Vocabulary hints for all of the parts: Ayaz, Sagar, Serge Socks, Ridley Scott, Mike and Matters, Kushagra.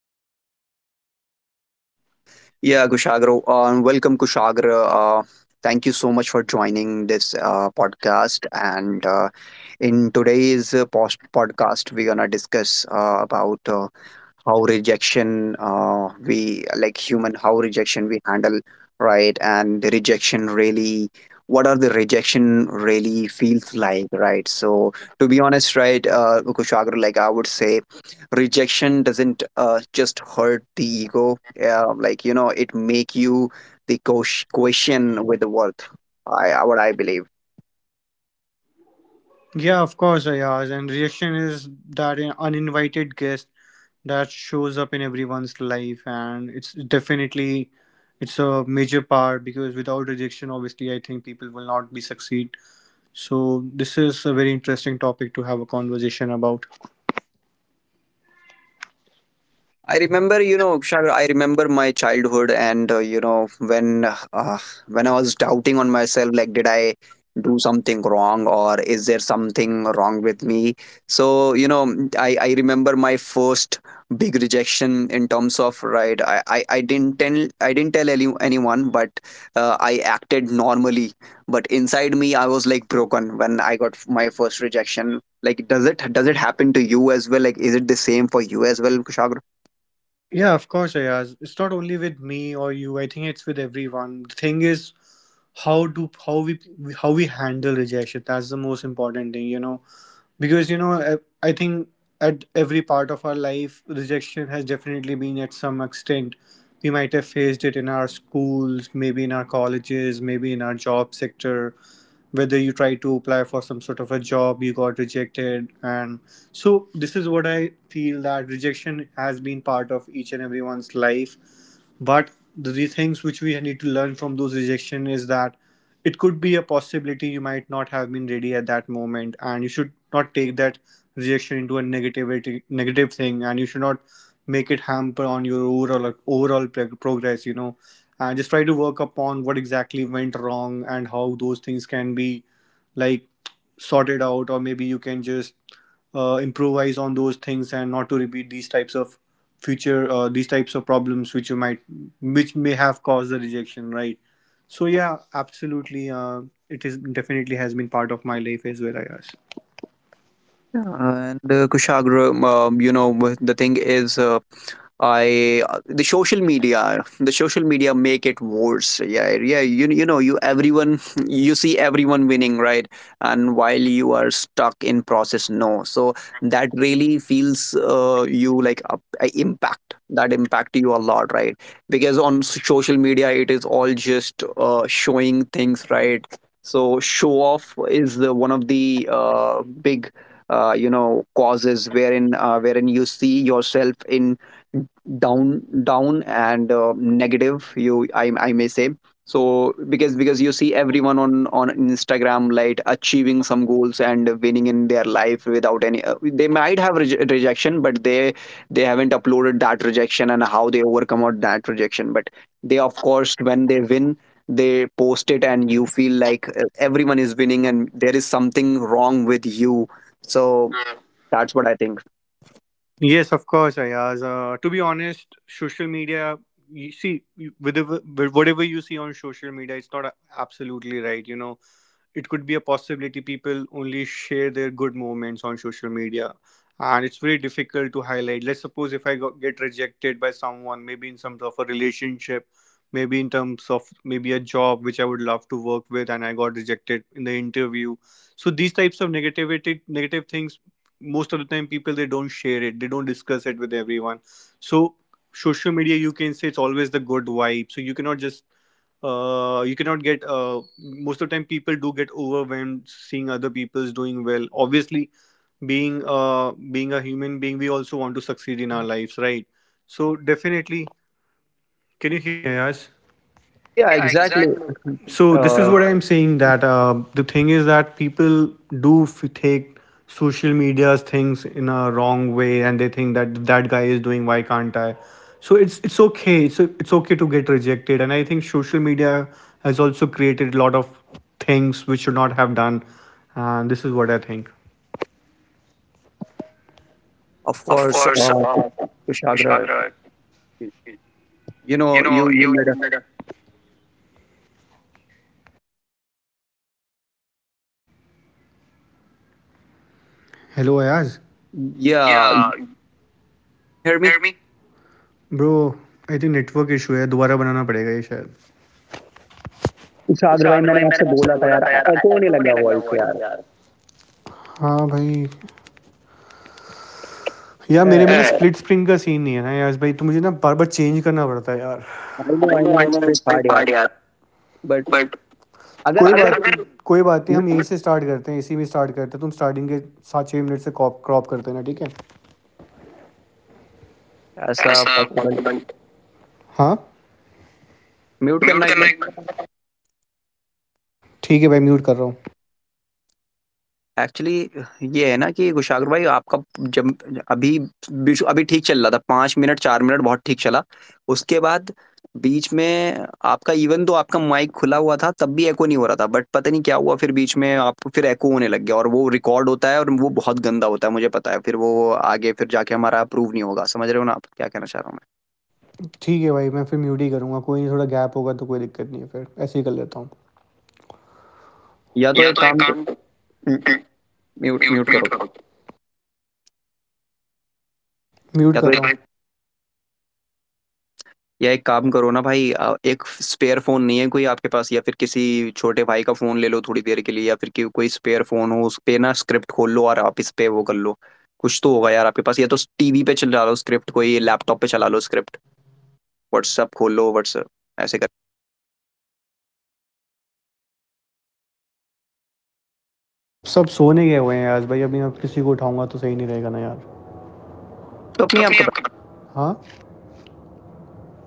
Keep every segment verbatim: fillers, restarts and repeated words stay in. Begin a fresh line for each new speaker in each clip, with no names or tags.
conversation.
Yeah, Kushagra, uh, welcome, Kushagra. Uh, thank you so much for joining this uh, podcast. And uh, in today's uh, post- podcast, we're going to discuss uh, about uh, how rejection uh, we like human how rejection we handle, right? And the rejection really, what are the rejection really feels like, right? So to be honest, right, uh, Kushagra, like I would say rejection doesn't uh, just hurt the ego. Uh, like, you know, it make you the ques- question with the worth. I, I what I believe.
Yeah, of course, Ayaz. And reaction is that an uninvited guest that shows up in everyone's life, and it's definitely it's a major part because without rejection, obviously, I think people will not be succeed. So this is a very interesting topic to have a conversation about.
I remember, you know, Sagar, I remember my childhood, and uh, you know, when uh, when I was doubting on myself, like, did I do something wrong, or is there something wrong with me? So, you know, I I remember my first big rejection in terms of right. I I, I didn't tell, I didn't tell any, anyone, but uh, I acted normally, but inside me, I was like broken when I got my first rejection. Like, does it does it happen to you as well? Like, is it the same for you as well, Kushagra?
Yeah, of course, Ayaz. It's not only with me or you. I think it's with everyone. The thing is, how do how we how we handle rejection. That's the most important thing, you know because you know I, I think at every part of our life rejection has definitely been at some extent. We might have faced it in our schools, maybe in our colleges, maybe in our job sector, whether you try to apply for some sort of a job, you got rejected. And so this is what I feel, that rejection has been part of each and everyone's life. But the re- things which we need to learn from those rejection is that it could be a possibility you might not have been ready at that moment, and you should not take that rejection into a negativity negative thing, and you should not make it hamper on your overall overall prog- progress. You know, and just try to work upon what exactly went wrong and how those things can be, like, sorted out, or maybe you can just uh, improvise on those things and not to repeat these types of future uh, these types of problems which you might, which may have caused the rejection, right? So yeah, absolutely. Uh, it is definitely has been part of my life as well, Ayaz.
Yeah, and uh, Kushagra, um, you know, wh- the thing is, uh, I the social media, the social media make it worse. Yeah, yeah. You you know you everyone, you see everyone winning, right, and while you are stuck in process, no. So that really feels uh, you like a, a impact that impact you a lot, right, because on s- social media it is all just uh, showing things, right? So show off is the, one of the uh, big uh, you know causes wherein uh, wherein you see yourself in down down and uh, negative, you, I, I may say. So because because you see everyone on on Instagram like achieving some goals and winning in their life without any uh, they might have reje- rejection, but they they haven't uploaded that rejection and how they overcome out that rejection, but they, of course, when they win, they post it, and you feel like uh, everyone is winning and there is something wrong with you. So that's what I think.
Yes, of course, Ayaz. Uh, to be honest, social media, you see, you- whatever whatever you see on social media, it's not a- absolutely right. You know, it could be a possibility people only share their good moments on social media, and it's very difficult to highlight. Let's suppose if i got, get rejected by someone, maybe in terms of a relationship, maybe in terms of maybe a job which I would love to work with, and I got rejected in the interview. So these types of negativity negative things, most of the time people they don't share it, they don't discuss it with everyone. So social media, you can say, it's always the good vibe. So you cannot just, uh, you cannot get, uh, most of the time people do get overwhelmed seeing other people's doing well. Obviously, being uh being a human being we also want to succeed in our lives, right? So definitely. Can you hear me, Ayaz?
Yeah,
Yeah,
exactly.
exactly. So this is
uh,
uh, what I'm saying, that uh, the thing is that people do f- take social media's things in a wrong way, and they think that that guy is doing, why can't I? So it's it's okay. It's it's okay to get rejected, and I think social media has also created a lot of things which should not have done, and this is what I think.
Of
Of
course,
course,
uh,
uh,
Kushagra,
Kushagra,
you know,
you
you,
know,
you
you,
made
you
a,
made a. Hello, Ayaz.
yeah,
Yeah,
can you hear me?
hear me? Bro, I think network issue है, दोबारा बनाना पड़ेगा ये शायद.
कुशाग्र
अच्छा,
भाई मैंने
otherwise
आपसे
मैंने आपसे
बोला था
बोला
यार
था यार.
एको नहीं
एको होने
लगा
लगा
वॉइस
वॉइस
यार
यार. हाँ भाई. यार मेरे में स्प्लिट स्क्रीन का सीन नहीं है ना यार भाई, तो मुझे ना बार बार चेंज करना पड़ता है यार.
I know
I
I
know
no
I
it's
no it's
bit
pretty
hard यार
हार्ड यार.
बट
बट
अगर
कोई
अगर
बात नहीं. कोई बात नहीं, हम यहीं से स्टार्ट करते हैं, इसी में स्टार्ट करते हैं. तुम स्टार्टिंग के सात छः मिनट से क्रॉप करते हैं ना, ठीक है?
ऐसा
ऐसा
पॉसिबल
पॉसिबल? हाँ,
म्यूट
म्यूट
करना एक
करना एक
बार
बार. ठीक है भाई, म्यूट कर रहा हूँ.
एक्चुअली ये है ना कि कुशाग्र भाई आपका जब अभी बीच अभी ठीक चल रहा था पाँच मिनट चार मिनट बहुत ठीक चला। उसके बाद बीच में आपका इवन दो आपका माइक खुला हुआ था तब भी एको नहीं हो रहा था बट पता नहीं क्या हुआ फिर बीच में आपको फिर एको होने लग गया और वो रिकॉर्ड होता है और वो बहुत गंदा होता है मुझे पता है। फिर वो आगे फिर जाके हमारा अप्रूव नहीं होगा। समझ रहे हो ना आप क्या कहना चाह रहा हूँ मैं?
ठीक है भाई, मैं फिर म्यूट ही करूँगा, कोई नहीं, थोड़ा गैप होगा तो कोई दिक्कत नहीं है, फिर ऐसे ही कर लेता हूँ.
या तो
या
एक
तो एक
काम को
काम,
म्यूट
म्यूट
म्यूट
म्यूट
करो।
करो. म्यूट
या तो
कर
एक
रहा हूँ.
या एक काम करो ना भाई अ, एक स्पेयर फ़ोन नहीं है कोई आपके पास या फिर किसी छोटे भाई का फ़ोन ले लो थोड़ी देर के लिए या फिर कि कोई स्पेयर फ़ोन हो उस पे ना स्क्रिप्ट खोल लो और आप इस पे वो कर लो। कुछ तो होगा यार आपके पास या तो टीवी पे चला लो स्क्रिप्ट कोई लैपटॉप पे चला लो स्क्रिप्ट। व्हाट्सएप खोल लो व्हाट्सएप ऐसे कर
सब सोने गए हुए हैं यार भाई, अभी मैं किसी को उठाऊंगा तो सही नहीं रहेगा ना यार.
लैपटॉप
तो
नहीं है
अपनी
आपका
आपका, हाँ,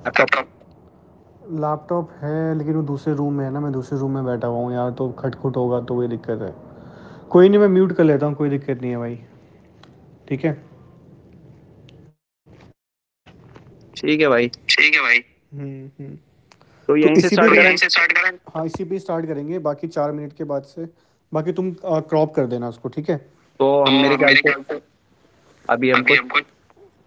लैपटॉप?
लैपटॉप? लैपटॉप है लेकिन वो दूसरे रूम में है ना, मैं दूसरे रूम में बैठा हुआ हूँ यार, तो खटखुट होगा तो वही दिक्कत है. कोई नहीं, मैं म्यूट कर लेता हूँ, कोई दिक्कत नहीं है भाई. ठीक है.
ठीक है
ठीक है
भाई,
भाई. हम्म, हम्म. तो
तो
इसी पे, तो
यहीं से
यहीं से
स्टार्ट करें
स्टार्ट करें, हाँ, इसी पे स्टार्ट करेंगे, बाकी चार मिनट के बाद से. बाकी तुम क्रॉप कर देना उसको, ठीक है.
तो हम
तो
मेरे ख़्याल
मेरे
से
ख्याल से
अभी
अभी
हमको
हमको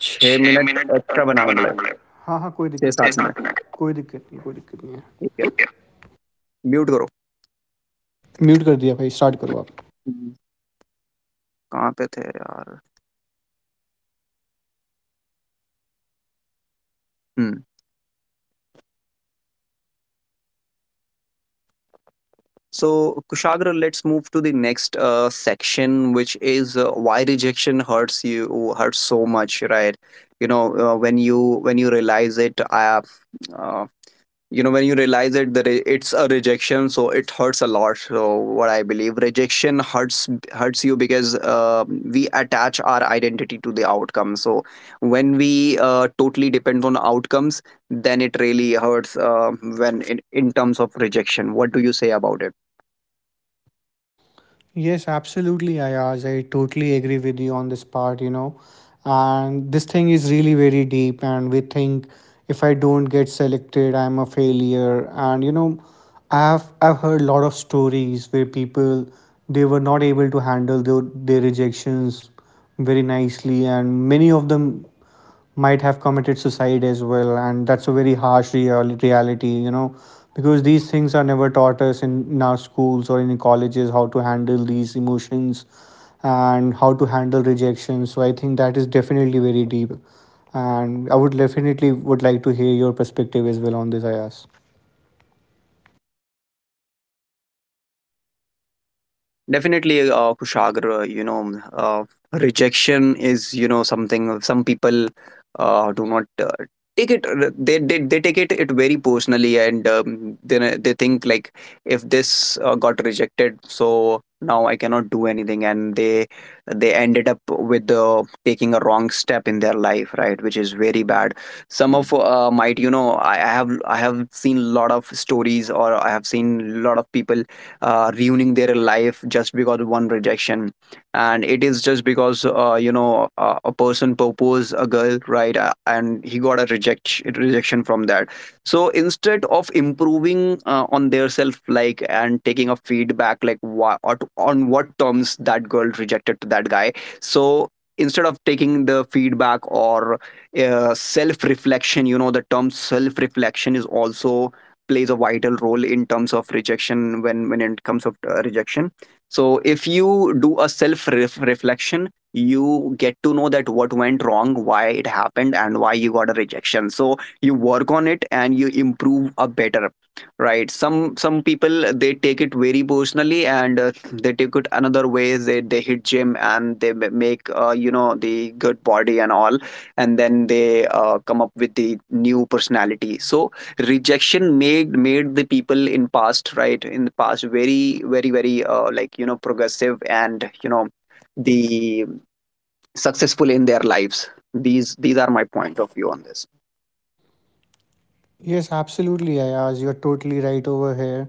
छह
छह
मिनट
मिनट
एक्स्ट्रा
अच्छा
बनाना
बनाना
पड़ेगा,
पड़ेगा. हाँ हाँ, कोई दिक्कत, छह नहीं
छह सात मिनट
सात मिनट, कोई दिक्कत नहीं, कोई दिक्कत नहीं है.
ठीक है।
ठीक है,
म्यूट करो।
म्यूट कर दिया भाई, स्टार्ट करो आप.
हुँ, कहाँ पे थे यार? हुँ। So, Kushagra, let's move to the next uh, section, which is uh, why rejection hurts you, hurts so much, right? You know, uh, when you when you realize it, I have, uh, you know, when you realize it that it- it's a rejection, so it hurts a lot. So, what I believe, rejection hurts hurts you because uh, we attach our identity to the outcome. So, when we uh, totally depend on outcomes, then it really hurts. Uh, when in, in terms of rejection, what do you say about it?
Yes, absolutely, Ayaz. I totally agree with you on this part, you know. And this thing is really very deep, and we think if I don't get selected, I'm a failure. And you know, I've I've heard a lot of stories where people they were not able to handle their, their rejections very nicely, and many of them might have committed suicide as well. And that's a very harsh real- reality you know Because these things are never taught us in, in our schools or in colleges, how to handle these emotions and how to handle rejection. So I think that is definitely very deep, and I would definitely would like to hear your perspective as well on this, Ayas.
Definitely, uh, Kushagra, you know, uh, rejection is, you know, something. Some people uh, do not uh, take it. uh, They, they they take it it very personally, and um, they they think like if this uh, got rejected, so now I cannot do anything, and they they ended up with uh, taking a wrong step in their life, right? Which is very bad. Some of uh, might, you know, I, I have I have seen a lot of stories, or I have seen a lot of people uh, ruining their life just because of one rejection, and it is just because uh, you know uh, a person proposed a girl, right, uh, and he got a reject rejection from that. So instead of improving uh, on their self, like, and taking a feedback, like what, on what terms that girl rejected to that guy. So instead of taking the feedback or uh, self reflection, you know, the term self reflection is also plays a vital role in terms of rejection, when when it comes of uh, rejection. So if you do a self reflection, you get to know that what went wrong, why it happened, and why you got a rejection. So you work on it and you improve a better, right? Some some people they take it very personally, and uh, they take it another way. They they hit gym, and they make uh, you know, the good body and all, and then they uh, come up with the new personality. So rejection made made the people in past, right, in the past very very very uh, like, you know, progressive and, you know, the successful in their lives. These these are my point of view on this.
Yes, absolutely, Ayaz. You're totally right over here.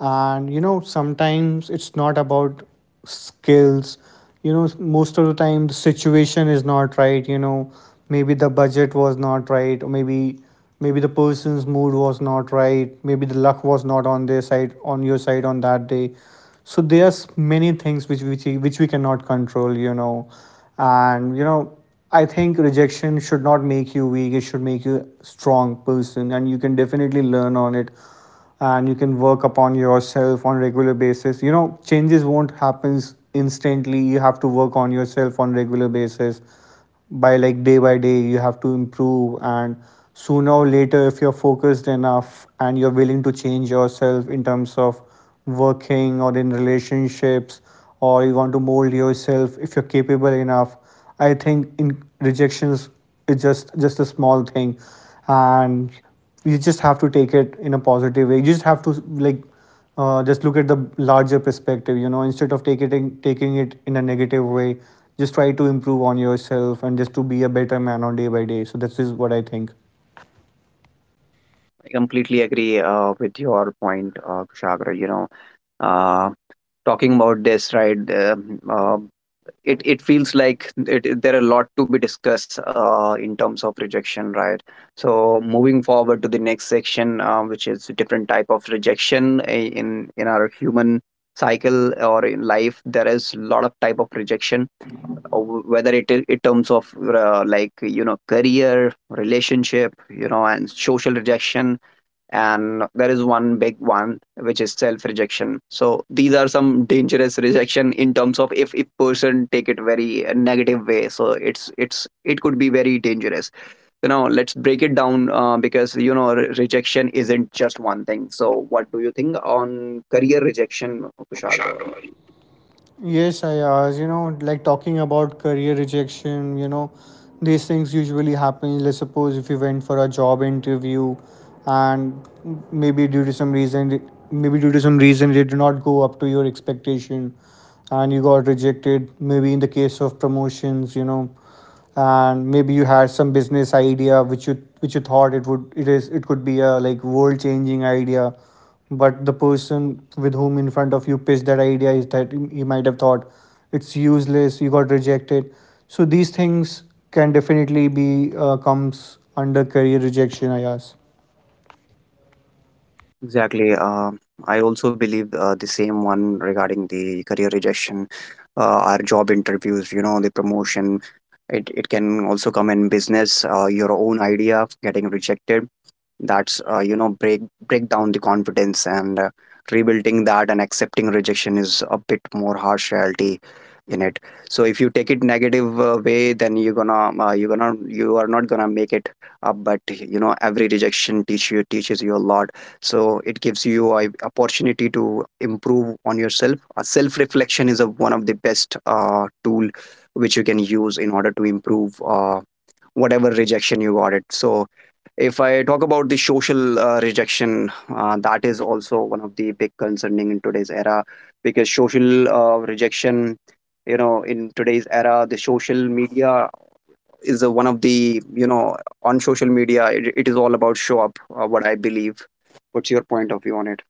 And you know, sometimes it's not about skills. You know, most of the time the situation is not right. You know, maybe the budget was not right, or maybe maybe the person's mood was not right. Maybe the luck was not on their side, on your side on that day. So there's many things which which which we cannot control. You know, and you know I think rejection should not make you weak. It should make you a strong person, and you can definitely learn on it, and you can work upon yourself on a regular basis. You know, changes won't happen instantly. You have to work on yourself on a regular basis. By, like, day by day, you have to improve, and sooner or later, if you're focused enough and you're willing to change yourself in terms of working or in relationships, or you want to mold yourself, if you're capable enough, I think in rejections is just just a small thing, and you just have to take it in a positive way. You just have to, like, uh, just look at the larger perspective. You know, instead of taking taking it in a negative way, just try to improve on yourself and just to be a better man on day by day. So that's just what I think.
I completely agree uh, with your point, uh, Kushagra, you know. uh, Talking about this, right, uh, uh, it it feels like it, there are a lot to be discussed uh, in terms of rejection, right? So moving forward to the next section, uh, which is a different type of rejection, eh, in in our human cycle or in life, there is a lot of type of rejection, uh, whether it in terms of uh, like, you know, career, relationship, you know, and social rejection, and there is one big one which is self rejection. So these are some dangerous rejection in terms of, if a person take it very negative way, so it's it's, it could be very dangerous. So now let's break it down, uh, because you know re- rejection isn't just one thing. So what do you think on career rejection, Kushagra?
Yes, Ayaz, you know, like talking about career rejection, you know, these things usually happen. Let's suppose if you went for a job interview, and maybe due to some reason, maybe due to some reason it did not go up to your expectation and you got rejected. Maybe in the case of promotions, you know, and maybe you had some business idea which you which you thought it would it is it could be a, like, world changing idea, but the person with whom in front of you pitched that idea, is that he might have thought it's useless, you got rejected. So these things can definitely be, uh, comes under career rejection, I guess.
Exactly. Uh, I also believe uh, the same one regarding the career rejection, uh, our job interviews, you know, the promotion. It, it can also come in business, uh, your own idea getting rejected. That's uh, you know, break break down the confidence and uh, rebuilding that and accepting rejection is a bit more harsh reality in it. So if you take it negative uh, way, then you're gonna uh, you're gonna, you are not gonna make it up. But you know every rejection teach you teaches you a lot. So it gives you a opportunity to improve on yourself. A self reflection is a, one of the best uh, tool which you can use in order to improve uh, whatever rejection you got it. So if I talk about the social uh, rejection, uh, that is also one of the big concerning in today's era. Because social uh, rejection, you know, in today's era, the social media is uh, one of the, you know, on social media, it, it is all about show up, uh, what I believe. What's your point of view on it?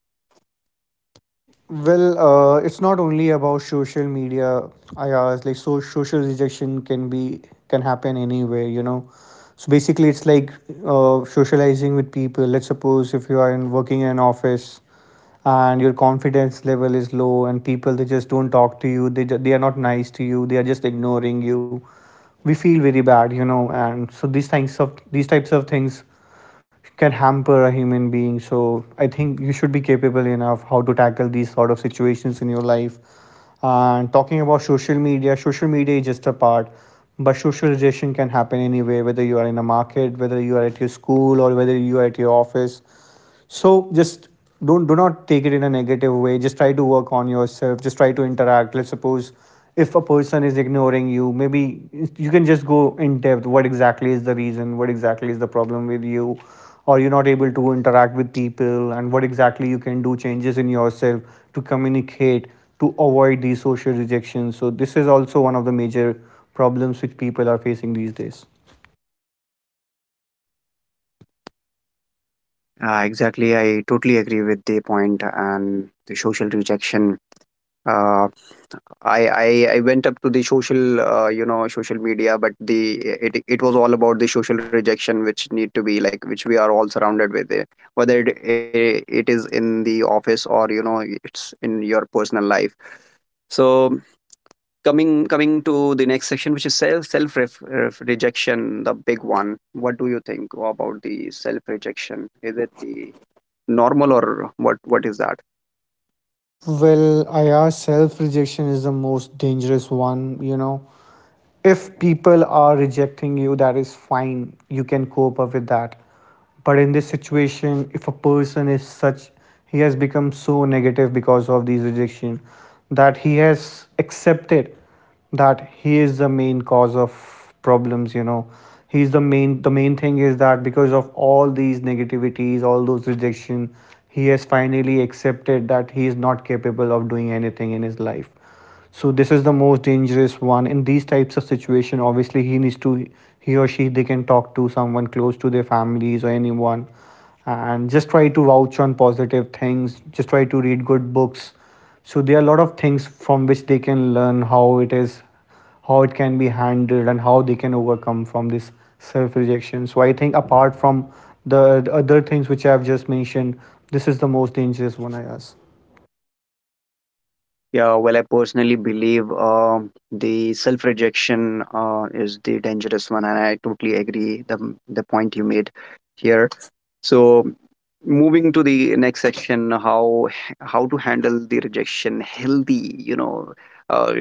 Well, uh, it's not only about social media. I asked, like, so social rejection can be can happen anywhere, you know. So basically, it's like uh, socializing with people. Let's suppose if you are in working in an office and your confidence level is low, and people they just don't talk to you. They ju- they are not nice to you. They are just ignoring you. We feel very bad, you know. And so these things of these types of things can hamper a human being. So I think you should be capable enough how to tackle these sort of situations in your life. And talking about social media, social media is just a part, but socialization can happen anywhere, whether you are in a market, whether you are at your school, or whether you are at your office. So just don't do not take it in a negative way. Just try to work on yourself, just try to interact. Let's suppose if a person is ignoring you, maybe you can just go in depth, what exactly is the reason, what exactly is the problem with you, or you're not able to interact with people, and what exactly you can do changes in yourself to communicate, to avoid these social rejections. So this is also one of the major problems which people are facing these days.
Uh, exactly. I totally agree with the point and the social rejection. Uh, I, I I went up to the social uh, you know, social media, but the it it was all about the social rejection, which need to be like which we are all surrounded with, eh, whether it eh, it is in the office or you know it's in your personal life. So coming coming to the next section, which is self self ref, ref- rejection, the big one. What do you think about the self rejection? Is it the normal or what what is that?
Well, IR self rejection is the most dangerous one, you know. If people are rejecting you, that is fine. You can cope up with that. But in this situation, if a person is such, he has become so negative because of these rejection that he has accepted that he is the main cause of problems, you know, he's the main, the main thing is that because of all these negativities, all those rejection, he has finally accepted that he is not capable of doing anything in his life. So this is the most dangerous one. In these types of situation, obviously he needs to, he or she, they can talk to someone close to their families or anyone, and just try to vouch on positive things, just try to read good books. So there are a lot of things from which they can learn how it is, how it can be handled, and how they can overcome from this self rejection. So I think, apart from the, the other things which I've just mentioned, this is the most dangerous one I ask.
Yeah, well, I personally believe um, the self-rejection uh, is the dangerous one, and I totally agree the the point you made here. So, moving to the next section, how how to handle the rejection healthy? You know, uh,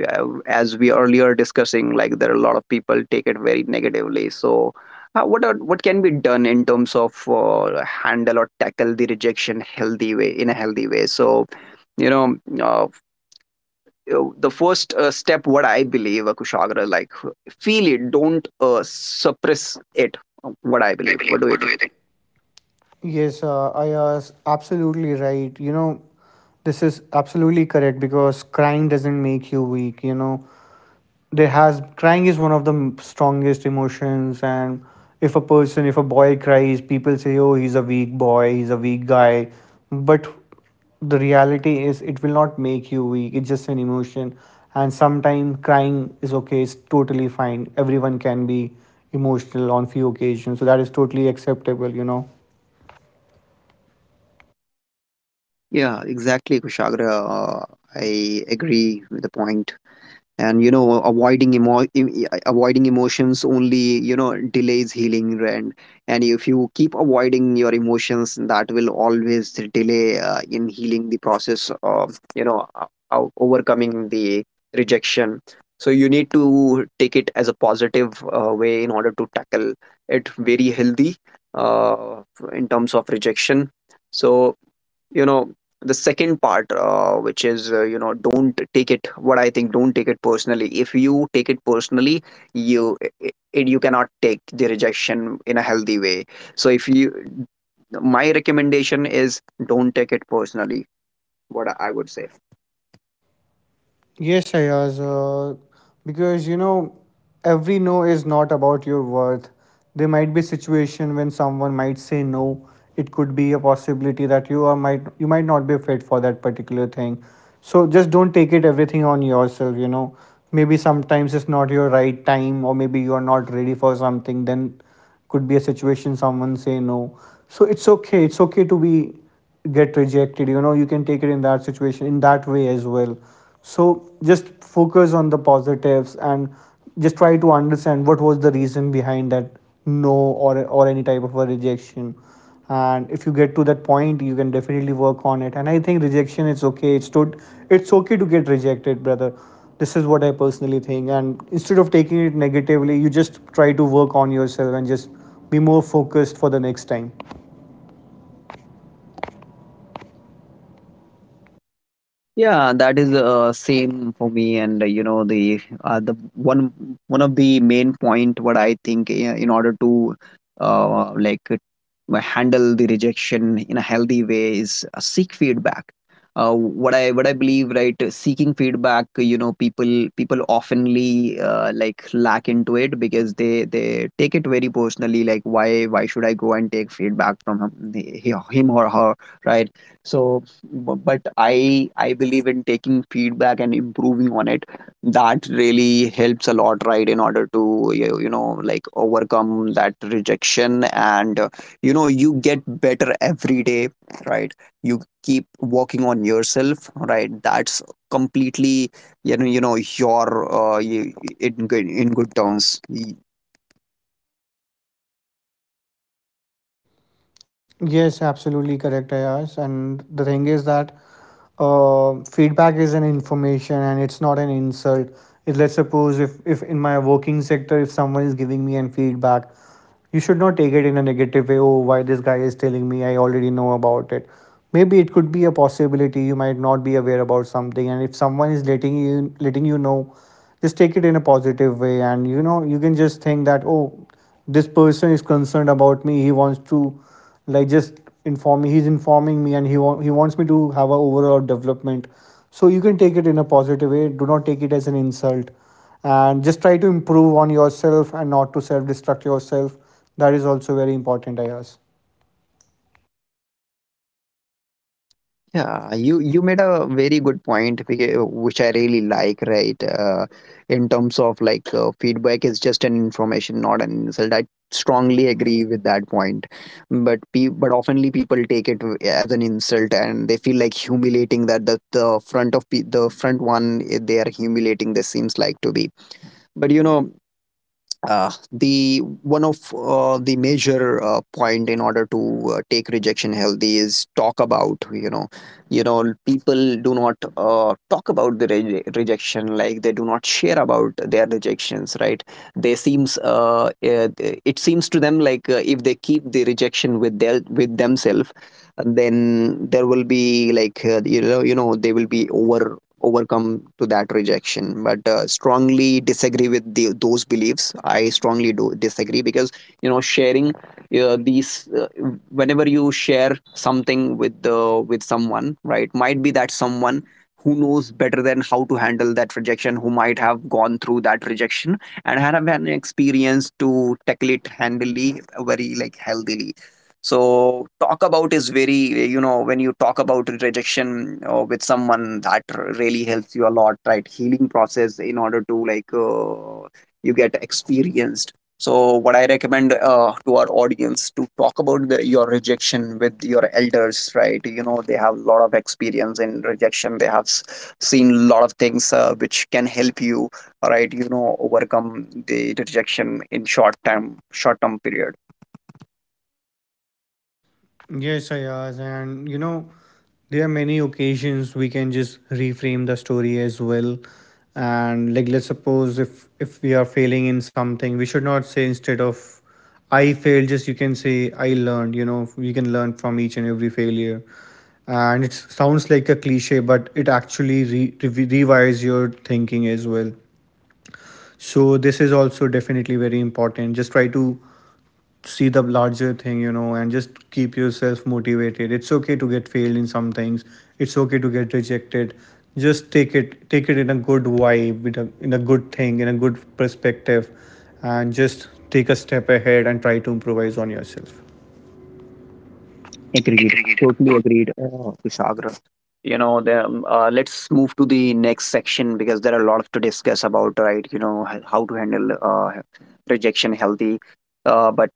as we earlier discussing, like there are a lot of people take it very negatively. So, uh, what are what can be done in terms of uh, handle or tackle the rejection healthy way in a healthy way? So, you know. Uh, uh, the first uh, step what I believe, uh, Kushagra, like feel it, don't uh, suppress it. Uh, what I
What I
believe,
believe.
what do you
What do
think?
you think? Yes, uh, I was absolutely right. You know, this is absolutely correct because crying doesn't make you weak. You know, there has, crying is one of the strongest emotions. And if a person, if a boy cries, people say, oh, he's a weak boy, he's a weak guy. But the reality is it will not make you weak. It's just an emotion. And sometimes crying is okay, it's totally fine. Everyone can be emotional on few occasions, so that is totally acceptable, you know.
Yeah, exactly, Kushagra. Uh, I agree with the point, and you know, avoiding emo- em- e- avoiding emotions only, you know, delays healing, and and if you keep avoiding your emotions, that will always delay uh, in healing the process of, you know, o- o- overcoming the rejection. So you need to take it as a positive uh, way in order to tackle it very healthy, uh, in terms of rejection. So, you know, the second part, uh, which is, uh, you know, don't take it, what i think don't take it personally. If you take it personally, you it, you cannot take the rejection in a healthy way. So if you, my recommendation is, don't take it personally, what I would say.
Yes, Ayaz, uh, because you know, every no is not about your worth. There might be situation when someone might say no. It could be a possibility that you are might, you might not be fit for that particular thing. So just don't take it everything on yourself, you know. Maybe sometimes it's not your right time, or maybe you are not ready for something, then could be a situation someone say no. So it's okay. It's okay to be, get rejected, you know. You can take it in that situation in that way as well. So just focus on the positives and just try to understand what was the reason behind that no, or or any type of a rejection. And if you get to that point, you can definitely work on it. And I think rejection is okay. It's to, it's okay to get rejected, brother. This is what I personally think, and instead of taking it negatively, you just try to work on yourself and just be more focused for the next time.
Yeah, that is uh, same for me, and uh, you know, the uh, the one one of the main point what I think, uh, in order to uh, like uh, handle the rejection in a healthy way, is uh, seek feedback. Uh, what I what I believe, right, uh, seeking feedback, you know, people people oftenly uh, like lack into it because they they take it very personally. Like why why should I go and take feedback from him, him or her, right? So but i i believe in taking feedback and improving on it. That really helps a lot, right, in order to, you, you know, like overcome that rejection, and uh, you know, you get better every day, right. You keep working on yourself, right. That's completely, you know, you know your uh, you, in good, in good terms.
Yes, absolutely correct, Ayaz. And the thing is that uh, feedback is an information and it's not an insult. If, let's suppose if, if in my working sector, if someone is giving me an feedback, you should not take it in a negative way. Oh, why this guy is telling me? I already know about it. Maybe it could be a possibility. You might not be aware about something, and if someone is letting you, letting you know, just take it in a positive way. And you know, you can just think that oh, this person is concerned about me. He wants to, like, just inform me, he's informing me, and he wa- he wants me to have a overall development. So you can take it in a positive way, do not take it as an insult, and just try to improve on yourself and not to self destruct yourself. That is also very important, I guess.
Yeah, you you made a very good point, beca- which I really like, right? Uh, in terms of like, uh, feedback is just an information, not an insult. I strongly agree with that point, but pe- but oftenly people take it w- as an insult, and they feel like humiliating, that the the front of pe- the front one, eh, they are humiliating, this seems like to be. But you know, uh, the one of uh, the major uh, point in order to uh, take rejection healthy is talk about, you know, you know, people do not uh, talk about the re- rejection. Like they do not share about their rejections, right. They seems uh, it, it seems to them like, uh, if they keep the rejection with their, with themselves, then there will be like, uh, you know, you know they will be over overcome to that rejection. But uh, strongly disagree with the, those beliefs. I strongly do disagree because, you know, sharing uh, these uh, whenever you share something with the, with someone, right, might be that someone who knows better than how to handle that rejection, who might have gone through that rejection and have an experience to tackle it handily, very like healthily. So talk about is very, you know, when you talk about rejection uh, with someone, that really helps you a lot, right, healing process in order to like uh, you get experienced. So what I recommend, uh, to our audience, to talk about the, your rejection with your elders, right. You know, they have a lot of experience in rejection. They have s- seen a lot of things uh, which can help you, right, you know, overcome the rejection in short time, short term period.
Yes, Ayaz, and you know, there are many occasions we can just reframe the story as well. And like, let's suppose if if we are failing in something, we should not say, instead of I failed, just you can say I learned. You know, we can learn from each and every failure. And it sounds like a cliche, but it actually re- re- rewires your thinking as well. So this is also definitely very important. Just try to see the larger thing, you know, and just keep yourself motivated. It's okay to get failed in some things, it's okay to get rejected. Just take it, take it in a good vibe, with a, in a good thing, in a good perspective, and just take a step ahead and try to improvise on yourself.
Agreed.
Agreed.
Totally
Tot-
agreed, uh, Kushagra. You know, the, um, uh, let's move to the next section because there are a lot of to discuss about, right? You know, h- how to handle uh, rejection healthy. Uh, but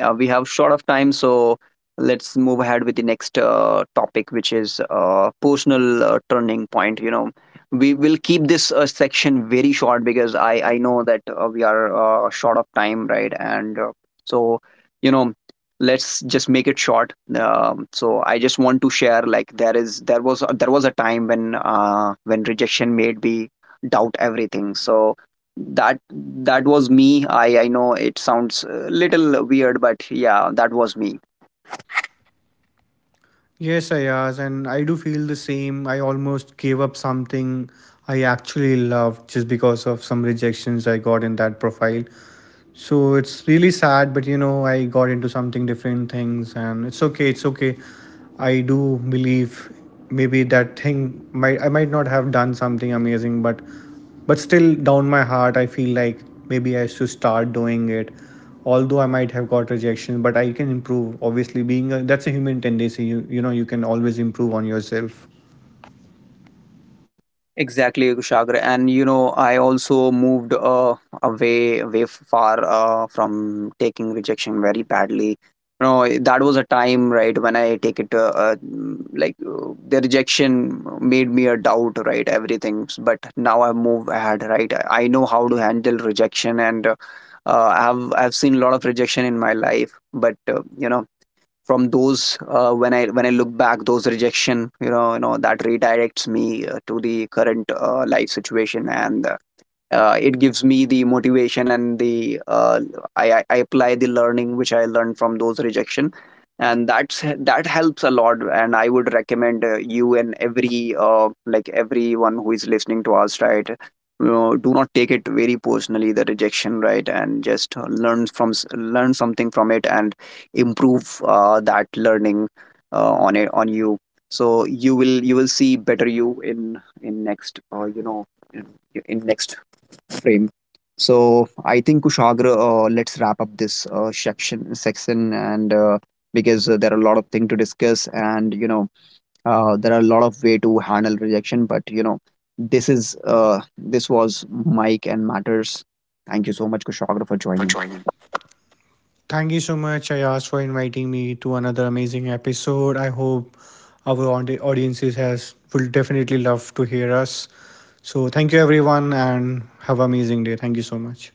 uh, we have short of time, so let's move ahead with the next uh, topic, which is uh, personal uh, turning point. You know, we will keep this uh, section very short because I I know that uh, we are uh, short of time, right? And uh, so, you know, let's just make it short. um, so I just want to share, like, there is there was there was a time when uh, when rejection made me doubt everything. So that that was me. I i know it sounds a little weird, but yeah, that was me.
Yes, Ayaz, and I do feel the same. I almost gave up something I actually loved just because of some rejections I got in that profile. So it's really sad, but you know, I got into something different things, and it's okay, it's okay. I do believe maybe that thing might, I might not have done something amazing, but but still down my heart I feel like maybe I should start doing it. Although I might have got rejection, but I can improve. Obviously being a, that's a human tendency, you you know, you can always improve on yourself.
Exactly, Sagar. And you know, I also moved uh, away, way far uh, from taking rejection very badly. You know, that was a time, right, when I take it, uh, uh, mm, like uh, the rejection made me a doubt, right, everything. But now I move ahead, right. I I know how to handle rejection, and uh, uh, I have I've seen a lot of rejection in my life, but uh, you know, from those uh, when I when I look back those rejection, you know, you know that redirects me uh, to the current uh, life situation, and uh, uh, it gives me the motivation and the, uh, I, I apply the learning which I learned from those rejection, and that's that helps a lot. And I would recommend, uh, you and every uh, like everyone who is listening to us, right, you know, do not take it very personally, the rejection, right, and just uh, learn from s- learn something from it and improve uh, that learning uh, on it, on you. So you will, you will see better you in in next, uh, you know in, in next frame. So I think Kushagra, uh, let's wrap up this uh, section section, and uh, because uh, there are a lot of things to discuss, and you know, uh, there are a lot of way to handle rejection. But you know, this is uh, this was Mike and matters. Thank you so much, Kushagra, for
Thank you for
joining.
joining. Thank you so much, Ayaz, for inviting me to another amazing episode. I hope our audi- audiences has will definitely love to hear us. So thank you everyone and have an amazing day. Thank you so much.